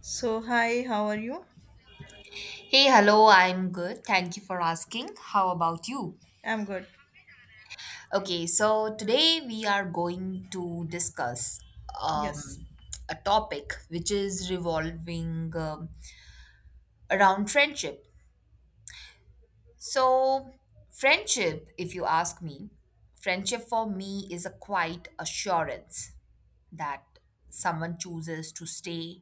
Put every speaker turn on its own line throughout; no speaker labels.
So hi, how are you?
Hey, hello, I'm good. Thank you for asking. How about you?
I'm good.
Okay, so today we are going to discuss
Yes.
um, a topic which is revolving around friendship. So, friendship, if you ask me, friendship for me is a quiet assurance that someone chooses to stay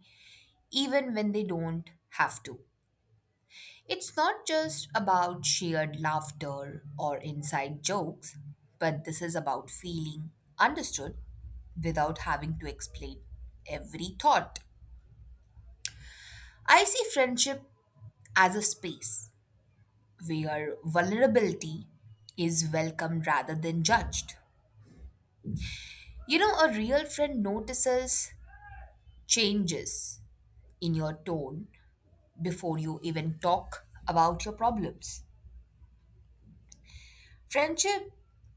even when they don't have to. It's not just about shared laughter or inside jokes, but this is about feeling understood without having to explain every thought. I see friendship as a space where vulnerability is welcomed rather than judged. You know, a real friend notices changes in your tone before you even talk about your problems. Friendship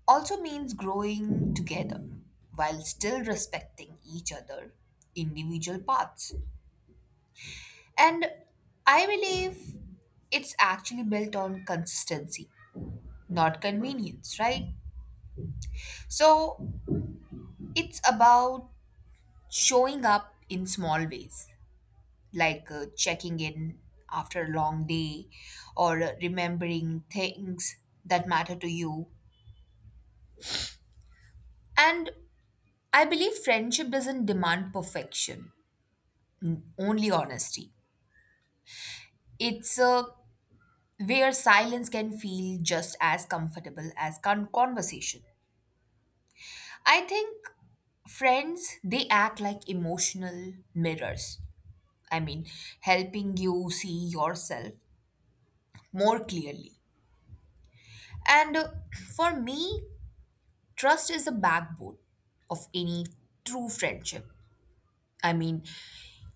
also means growing together while still respecting each other individual paths, and I believe it's actually built on consistency, not convenience, right? So it's about showing up in small ways, like checking in after a long day or remembering things that matter to you. And I believe friendship doesn't demand perfection, only honesty. It's where silence can feel just as comfortable as conversation. I think friends, they act like emotional mirrors. I mean, helping you see yourself more clearly. And For me, trust is the backbone of any true friendship. I mean,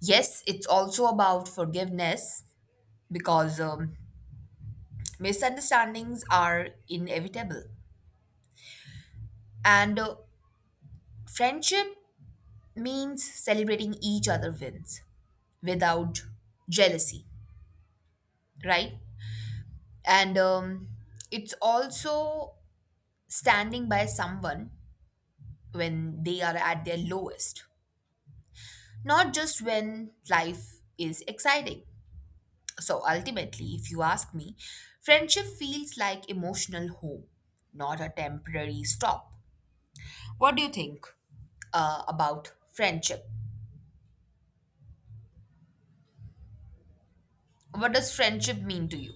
yes, it's also about forgiveness because misunderstandings are inevitable. And Friendship means celebrating each other wins without jealousy, right? And It's also standing by someone when they are at their lowest, not just when life is exciting. So ultimately, if you ask me, friendship feels like emotional home, not a temporary stop. What do you think about friendship? What does friendship mean to you?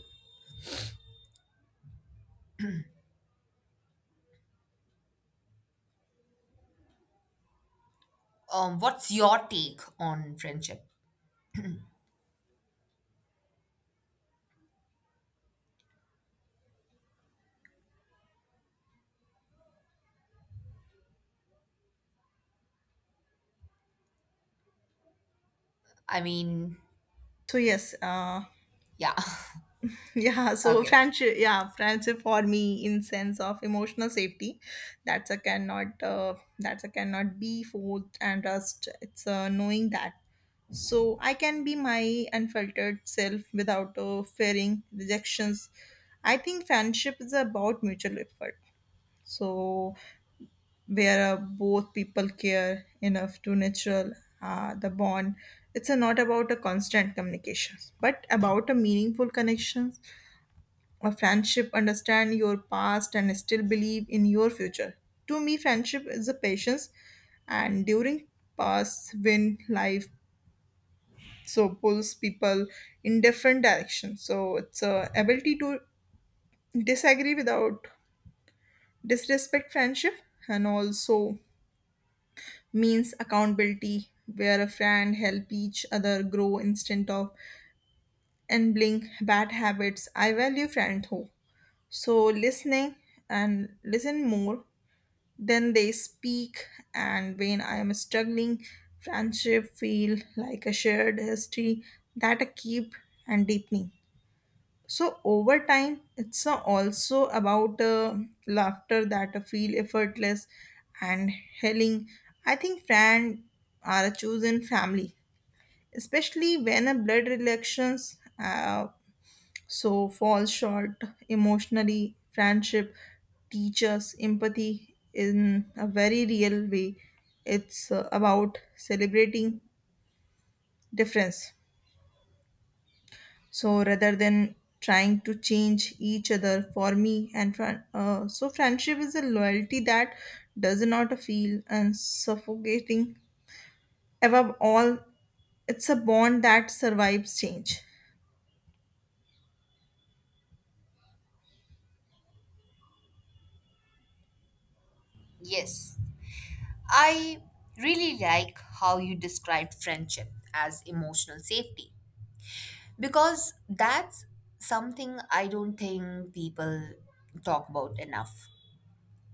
What's your take on friendship? I mean,
So yes, uh,
yeah.
yeah. So
Okay.
friendship, yeah, friendship for me in sense of emotional safety, that's a cannot be forced and trust. It's knowing that, so I can be my unfiltered self without fearing rejections. I think friendship is about mutual effort. So where both people care enough to natural the bond, it's not about a constant communication but about a meaningful connection. A friendship understand your past and still believe in your future. To me friendship is a patience, and during past when life so pulls people in different directions, so it's a ability to disagree without disrespect. Friendship and also means accountability where a friend help each other grow instead of enabling bad habits. I value friendhood so listening and listen more than they speak, and when I am struggling friendship feel like a shared history that I keep and deepening so over time, it's also about laughter that feel effortless and healing. I think friends are a chosen family, especially when a blood relations so fall short emotionally. Friendship teaches empathy in a very real way. It's about celebrating difference so rather than trying to change each other. For me so friendship is a loyalty that does not feel and suffocating. Above all, it's a bond that survives change.
Yes. I really like how you described friendship as emotional safety because that's something I don't think people talk about enough.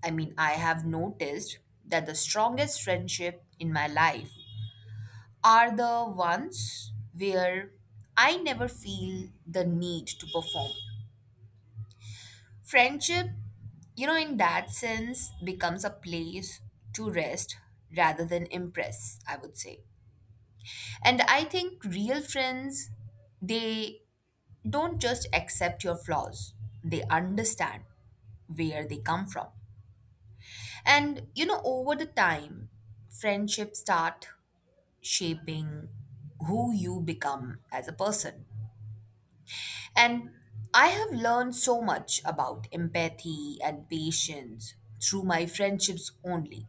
I mean, I have noticed that the strongest friendship in my life are the ones where I never feel the need to perform. Friendship, you know, in that sense, becomes a place to rest rather than impress, I would say. And I think real friends, they don't just accept your flaws, they understand where they come from. And, you know, over the time, friendships start shaping who you become as a person. And I have learned so much about empathy and patience through my friendships only.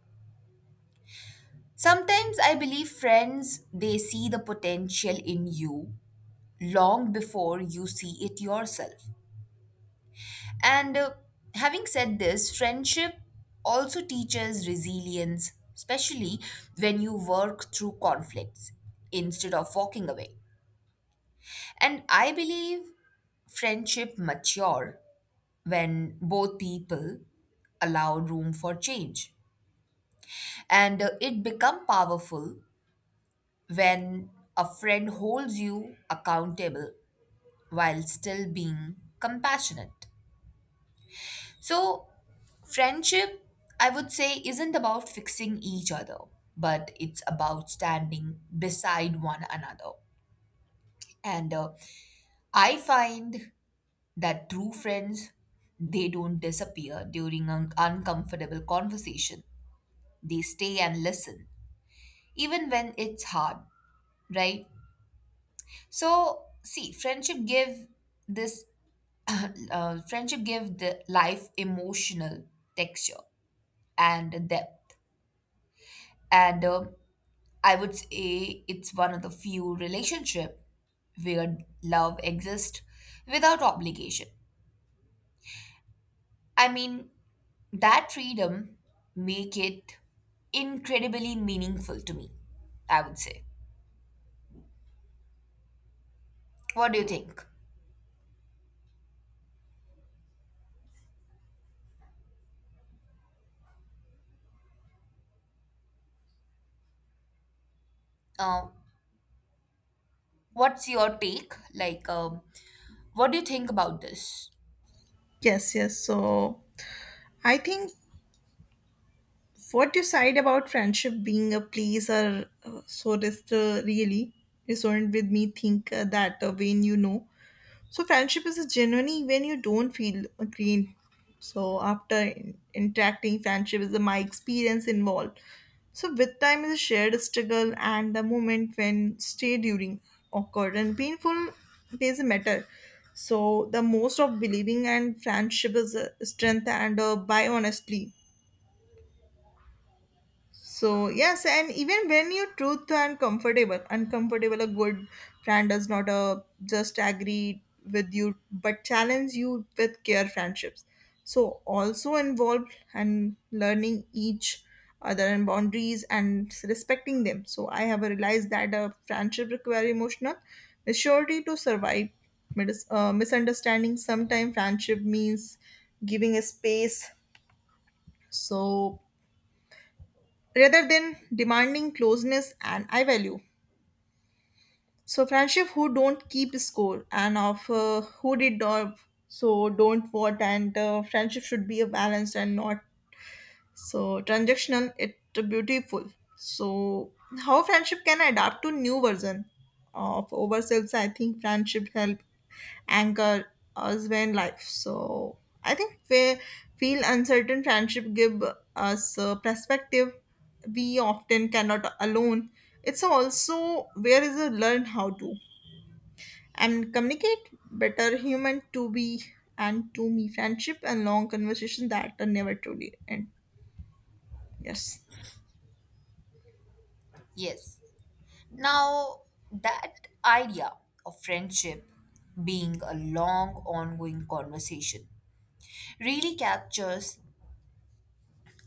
Sometimes I believe friends, they see the potential in you long before you see it yourself. And Having said this, friendship also teaches resilience, especially when you work through conflicts instead of walking away. And I believe friendship mature when both people allow room for change. And It become powerful when a friend holds you accountable while still being compassionate. So, friendship, I would say, isn't about fixing each other, but it's about standing beside one another. And I find that true friends, they don't disappear during an uncomfortable conversation. They stay and listen, even when it's hard, right? So, see, friendship give this friendship give the life emotional texture and depth, and I would say it's one of the few relationship where love exists without obligation. I mean, that freedom make it incredibly meaningful to me, I would say. What do you think? Uh, What's your take? Like, what do you think about this?
Yes, so I think what you said about friendship being a place or so just really resonant with me. Think that when you know, so friendship is genuinely when you don't feel green. So after interacting, friendship is my experience involved. So with time is a shared struggle and the moment when stay during awkward and painful plays a matter. So the most of believing and friendship is a strength and by honestly, so yes, and even when you're truth and comfortable, uncomfortable, a good friend does not just agree with you but challenge you with care. Friendships so also involved and learning each other and boundaries and respecting them. So I have realized that a friendship require emotional maturity to survive misunderstanding. Sometimes friendship means giving a space, so rather than demanding closeness. And I value so friendship who don't keep score, and of who did or so don't what, and friendship should be a balanced and not so transactional, it beautiful. So how friendship can adapt to new version of ourselves? I think friendship help anchor us when life. So I think we feel uncertain. Friendship give us a perspective we often cannot alone. It's also where is a learn how to and communicate better human to be, and to me friendship and long conversation that are never truly end. Yes.
Yes. Now, that idea of friendship being a long, ongoing conversation really captures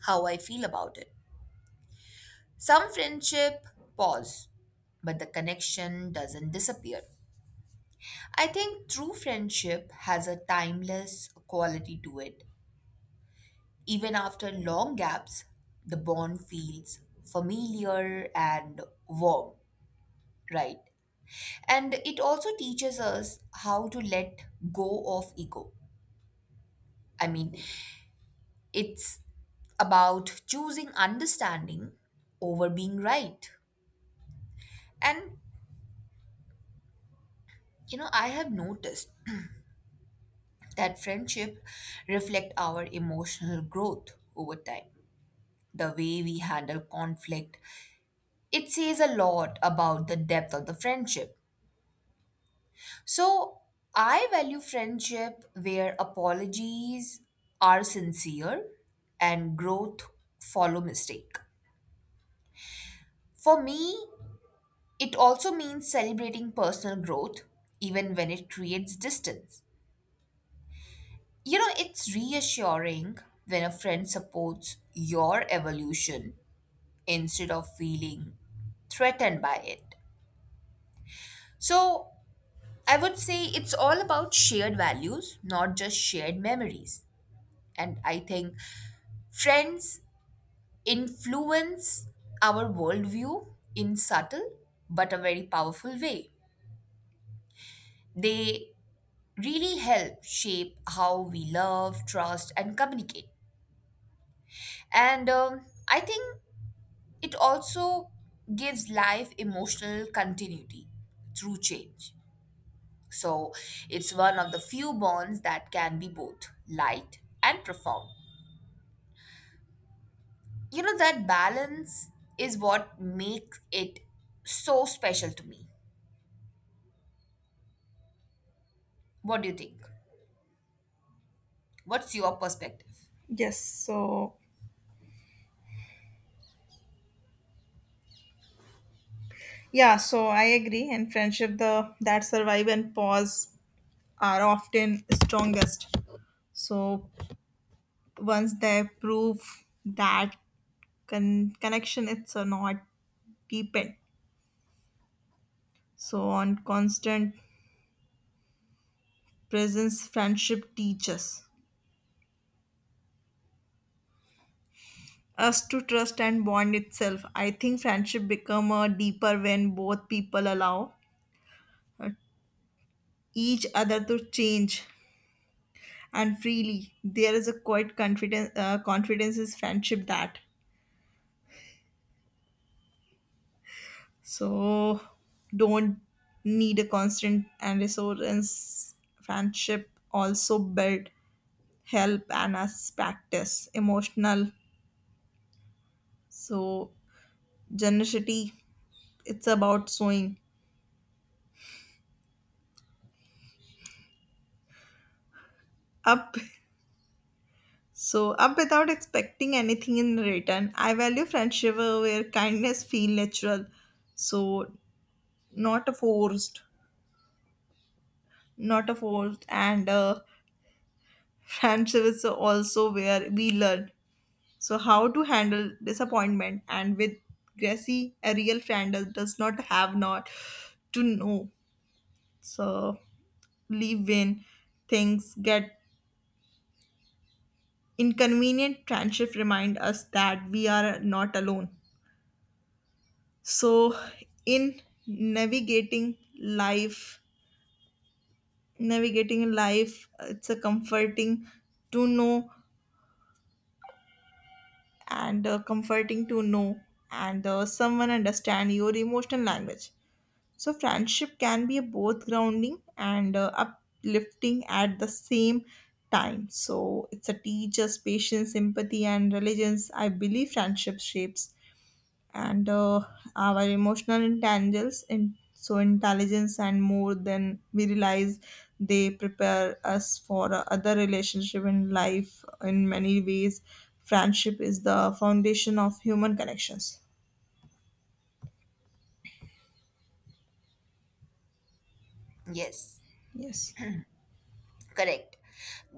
how I feel about it. Some friendship pause, but the connection doesn't disappear. I think true friendship has a timeless quality to it. Even after long gaps, the bond feels familiar and warm. Right. And it also teaches us how to let go of ego. I mean, it's about choosing understanding over being right. And you know, I have noticed that friendship reflect our emotional growth over time. The way we handle conflict, it says a lot about the depth of the friendship. So I value friendship where apologies are sincere and growth follow mistake. For me, it also means celebrating personal growth even when it creates distance. You know, it's reassuring when a friend supports your evolution instead of feeling threatened by it. So, I would say it's all about shared values, not just shared memories. And I think friends influence our worldview in subtle but a very powerful way. They really help shape how we love, trust, and communicate. And I think it also gives life emotional continuity through change. So it's one of the few bonds that can be both light and profound. You know, that balance is what makes it so special to me. What do you think? What's your perspective?
Yes, so yeah, so I agree. And friendship, the that survive and pause are often strongest. So once they prove that connection, it's a not deepened. So on constant presence, friendship teaches us to trust and bond itself. I think friendship become a deeper when both people allow uh, each other to change and freely. There is a quite confidence. Confidence is friendship that so don't need a constant and resource. Friendship also build help and as practice emotional, so generosity. It's about showing up, so up without expecting anything in return. I value friendship where kindness feel natural, so not a forced, not a forced and. Friendship is also where we learn so how to handle disappointment and with Gracie, a real friend does not have not to know, so leave when things get inconvenient. Friendship remind us that we are not alone, so in navigating life, navigating life, it's a comforting to know and someone understand your emotional language. So friendship can be both grounding and uplifting at the same time. So it's a teacher's patience empathy and religions. I believe friendship shapes and our emotional intelligence, in so intelligence and more than we realize. They prepare us for other relationship in life. In many ways friendship is the foundation of human connections.
Yes,
Yes.
correct.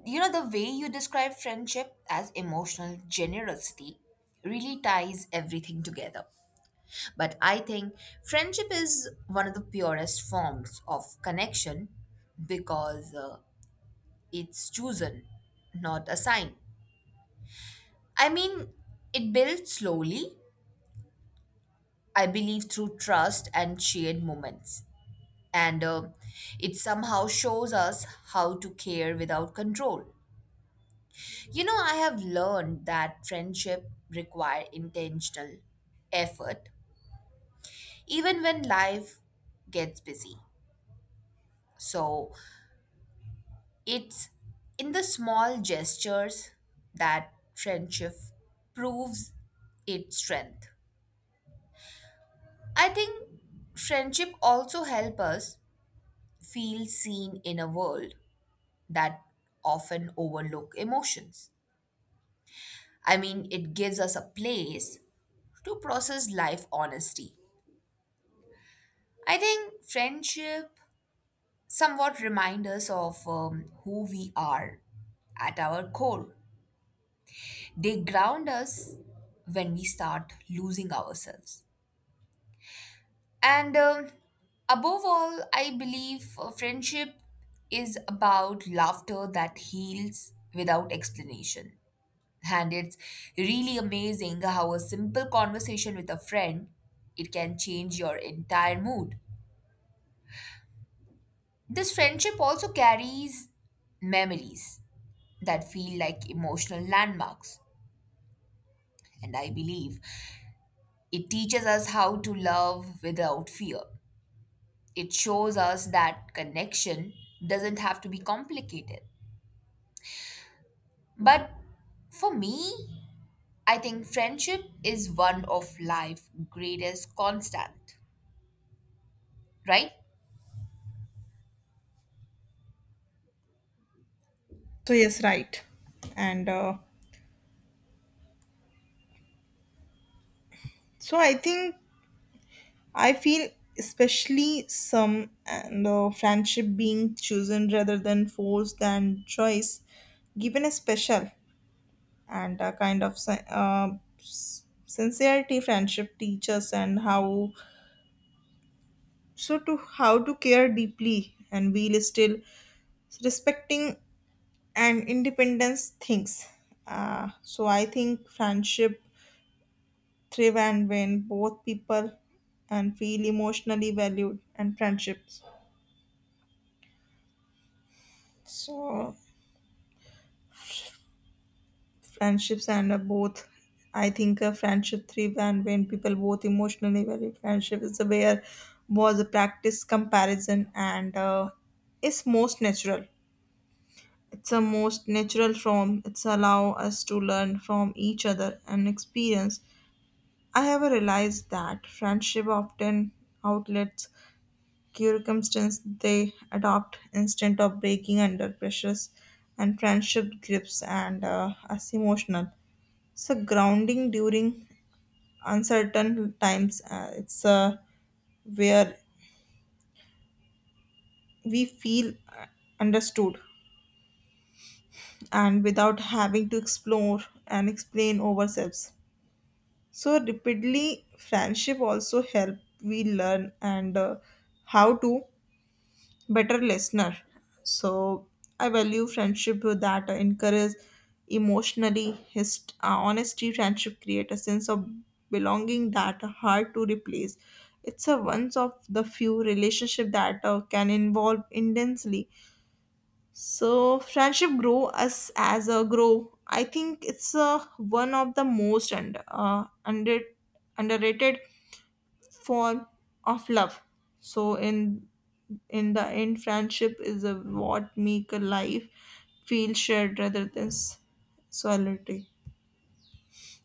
You know, the way you describe friendship as emotional generosity really ties everything together. But I think friendship is one of the purest forms of connection because it's chosen, not assigned. I mean, it builds slowly, I believe, through trust and shared moments, and it somehow shows us how to care without control. You know, I have learned that friendship require intentional effort even when life gets busy. So, it's in the small gestures that friendship proves its strength. I think friendship also help us feel seen in a world that often overlook emotions. I mean, it gives us a place to process life honesty. I think friendship somewhat remind us of who we are at our core. They ground us when we start losing ourselves. And Above all, I believe friendship is about laughter that heals without explanation. And it's really amazing how a simple conversation with a friend it can change your entire mood. This friendship also carries memories that feel like emotional landmarks. And I believe it teaches us how to love without fear. It shows us that connection doesn't have to be complicated. But for me, I think friendship is one of life's greatest constant, right?
So yes, right, and so I think I feel especially some and friendship being chosen rather than forced than choice given a special and a kind of sincerity. Friendship teaches and how so to how to care deeply and we still respecting and independence things. So I think friendship thrive and when both people and feel emotionally valued. And friendships so friendships and both I think friendship thrive and when people both emotionally value. Friendship is where was a practice comparison and is most natural form. It's allow us to learn from each other and experience. I have realized that friendship often outlets circumstance. They adopt instead of breaking under pressures. And friendship grips and us emotional so grounding during uncertain times. It's Where we feel understood and without having to explore and explain ourselves so repeatedly. Friendship also help we learn and how to better listener. So I value friendship that encourage emotionally honesty. Friendship create a sense of belonging that are hard to replace. It's a one of the few relationship that can involve intensely. So friendship grow us as a grow. I think it's one of the most underrated form of love. So in the end friendship is a, what make a life feel shared rather than solitary.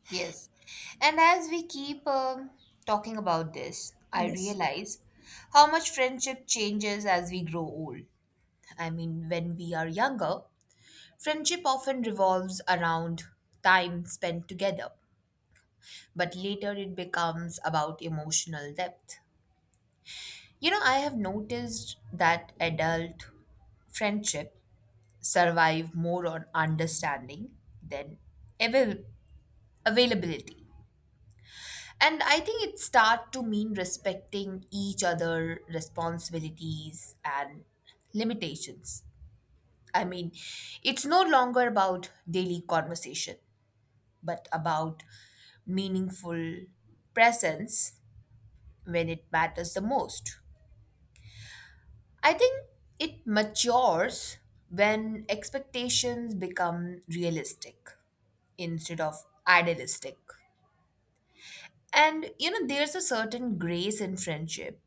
Yes. And as we keep talking about this, I
Yes.
realize how much friendship changes as we grow old. I mean, when we are younger, friendship often revolves around time spent together, but later it becomes about emotional depth. You know, I have noticed that adult friendship survive more on understanding than avail- availability. And I think it start to mean respecting each other responsibilities and limitations. I mean, it's no longer about daily conversation but about meaningful presence when it matters the most. I think it matures when expectations become realistic instead of idealistic. And you know, there's a certain grace in friendship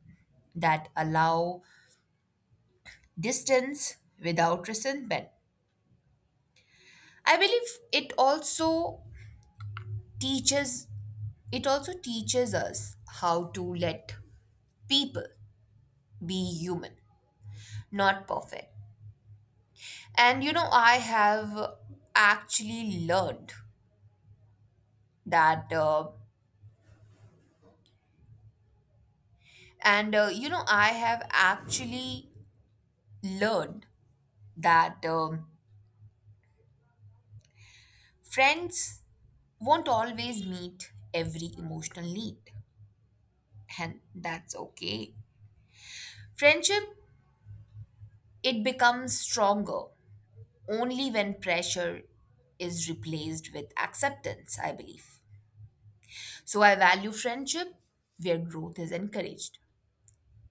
that allow distance without resentment. I believe teaches it also teaches us how to let people be human, not perfect. And you know, I have actually learned that, and you know, I have actually learned that friends won't always meet every emotional need, and that's okay. Friendship it becomes stronger only when pressure is replaced with acceptance, I believe. So I value friendship where growth is encouraged,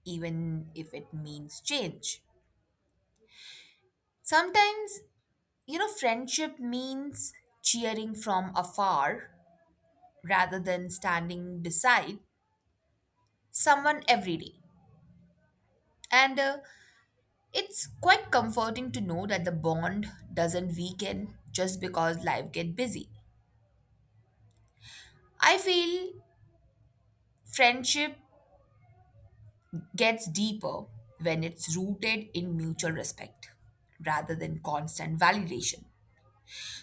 even if it means change. Sometimes, you know, friendship means cheering from afar rather than standing beside someone every day. And It's quite comforting to know that the bond doesn't weaken just because life get busy. I feel friendship gets deeper when it's rooted in mutual respect rather than constant validation.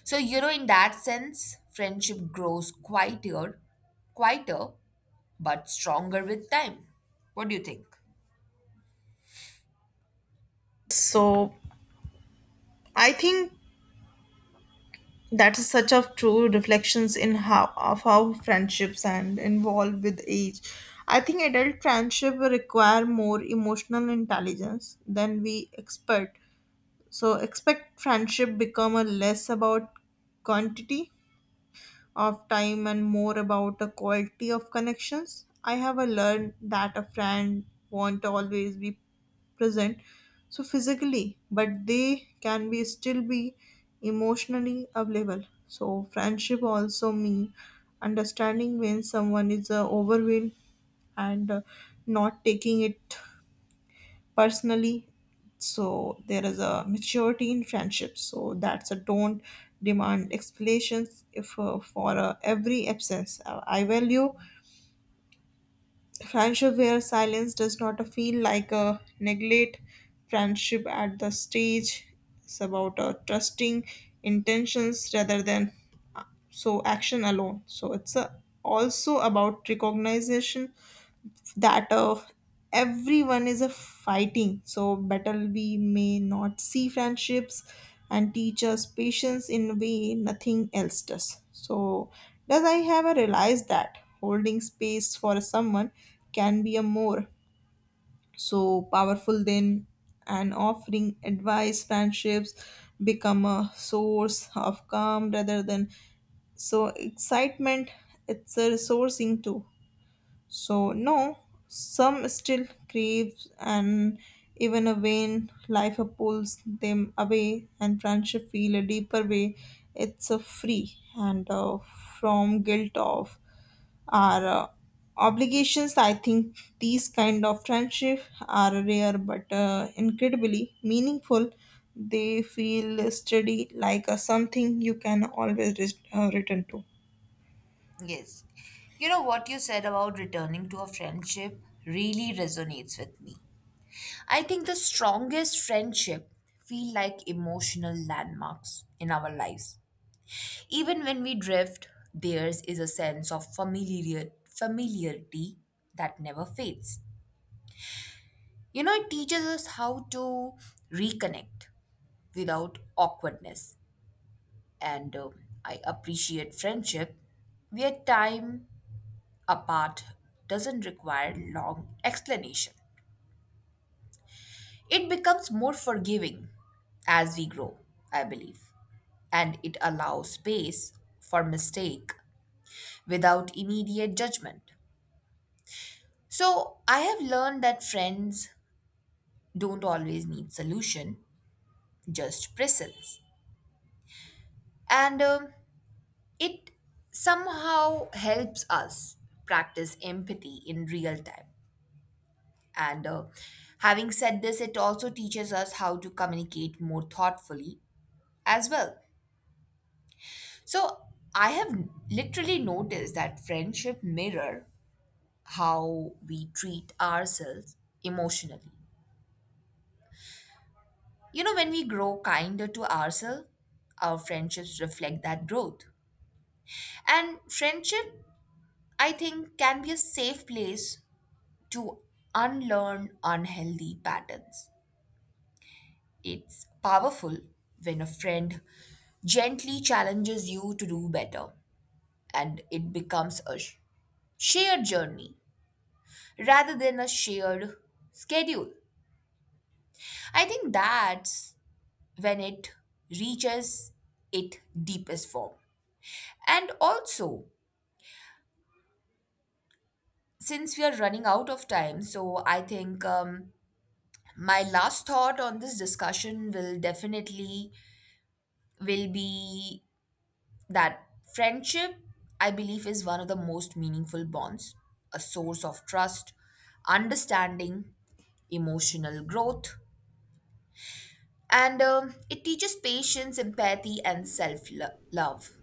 So, you know, in that sense, friendship grows quieter, quieter, but stronger with time. What do you think?
So I think that is such of true reflections in how of how friendships and involve with age. I think adult friendship will require more emotional intelligence than we expect. Friendship become a less about quantity of time and more about the quality of connections. I have learned that a friend won't always be present so physically but they can be still be emotionally available. So friendship also mean understanding when someone is overwhelmed and not taking it personally. So there is a maturity in friendship so that's a don't demand explanations if for every absence. I value friendship where silence does not feel like a neglect. Friendship at the stage is about trusting intentions rather than uh, so action alone. So it's also about recognition that everyone is a fighting so battle we may not see. Friendships and teach us patience in a way nothing else does. So does I have a realized that holding space for someone can be a more so powerful than and offering advice. Friendships become a source of calm rather than so excitement. It's a resourcing too, so no, some still craves and even a vain life pulls them away and friendship feel a deeper way. It's a free and from guilt of our obligations. I think these kind of friendship are rare but incredibly meaningful. They feel steady like something you can always return to.
Yes. You know what you said about returning to a friendship really resonates with me. I think the strongest friendship feel like emotional landmarks in our lives. Even when we drift, theirs is a sense of familiarity that never fades. You know, it teaches us how to reconnect without awkwardness. And I appreciate friendship where time apart doesn't require long explanation. It becomes more forgiving as we grow, I believe, and it allows space for mistake without immediate judgment. So I have learned that friends don't always need solution, just presence. And It somehow helps us practice empathy in real time. And Having said this, it also teaches us how to communicate more thoughtfully as well. So I have literally noticed that friendship mirror how we treat ourselves emotionally. You know, when we grow kinder to ourselves, our friendships reflect that growth. And friendship, I think, can be a safe place to unlearn unhealthy patterns. It's powerful when a friend gently challenges you to do better, and it becomes a shared journey rather than a shared schedule. I think that's when it reaches its deepest form. And also, since we are running out of time, so I think my last thought on this discussion will definitely will be that friendship, I believe, is one of the most meaningful bonds, a source of trust, understanding, emotional growth, and it teaches patience, empathy, and self love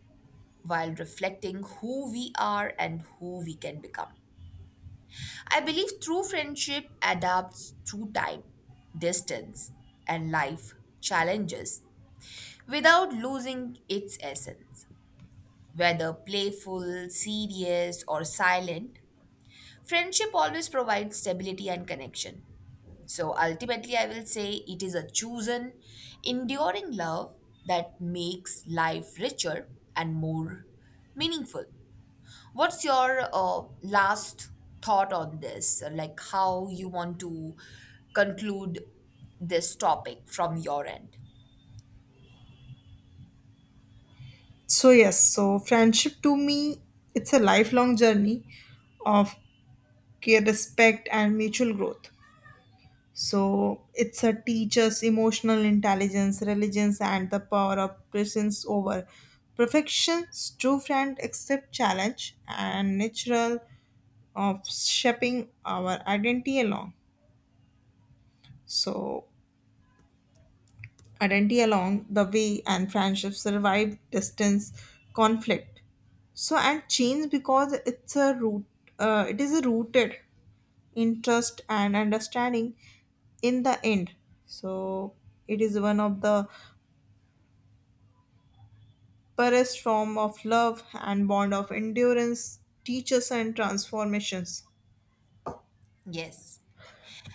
while reflecting who we are and who we can become. I believe true friendship adapts through time, distance, and life challenges without losing its essence. Whether playful, serious, or silent, friendship always provides stability and connection. So ultimately, I will say it is a chosen, enduring love that makes life richer and more meaningful. What's your last thought on this? Like how you want to conclude this topic from your end?
So yes, so friendship to me, it's a lifelong journey of care, respect, and mutual growth. So it's a teacher's emotional intelligence, religions, and the power of presence over perfection. True friend accept challenge and natural of shaping our So identity along the way. And friendship survive distance, conflict so and change because it is rooted in trust and understanding. In the end, so it is one of the purest form of love and bond of endurance teaches and transformations.
Yes.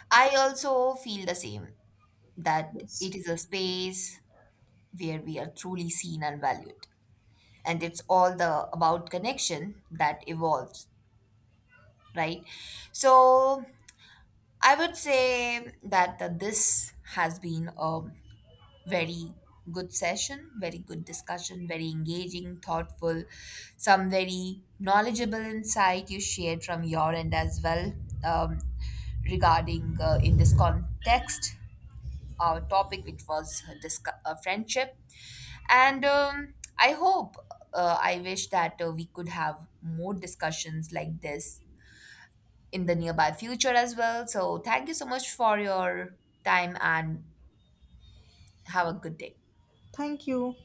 I also feel the same that it
Yes,
is a space where we are truly seen and valued. And it's all the about connection that evolves, right? So I would say that this has been a very good session, very good discussion, very engaging, thoughtful, some very knowledgeable insight you shared from your end as well, um, regarding in this context our topic, which was friendship. And I hope, I wish that we could have more discussions like this in the nearby future as well. So, thank you so much for your time and have a good day.
thank you.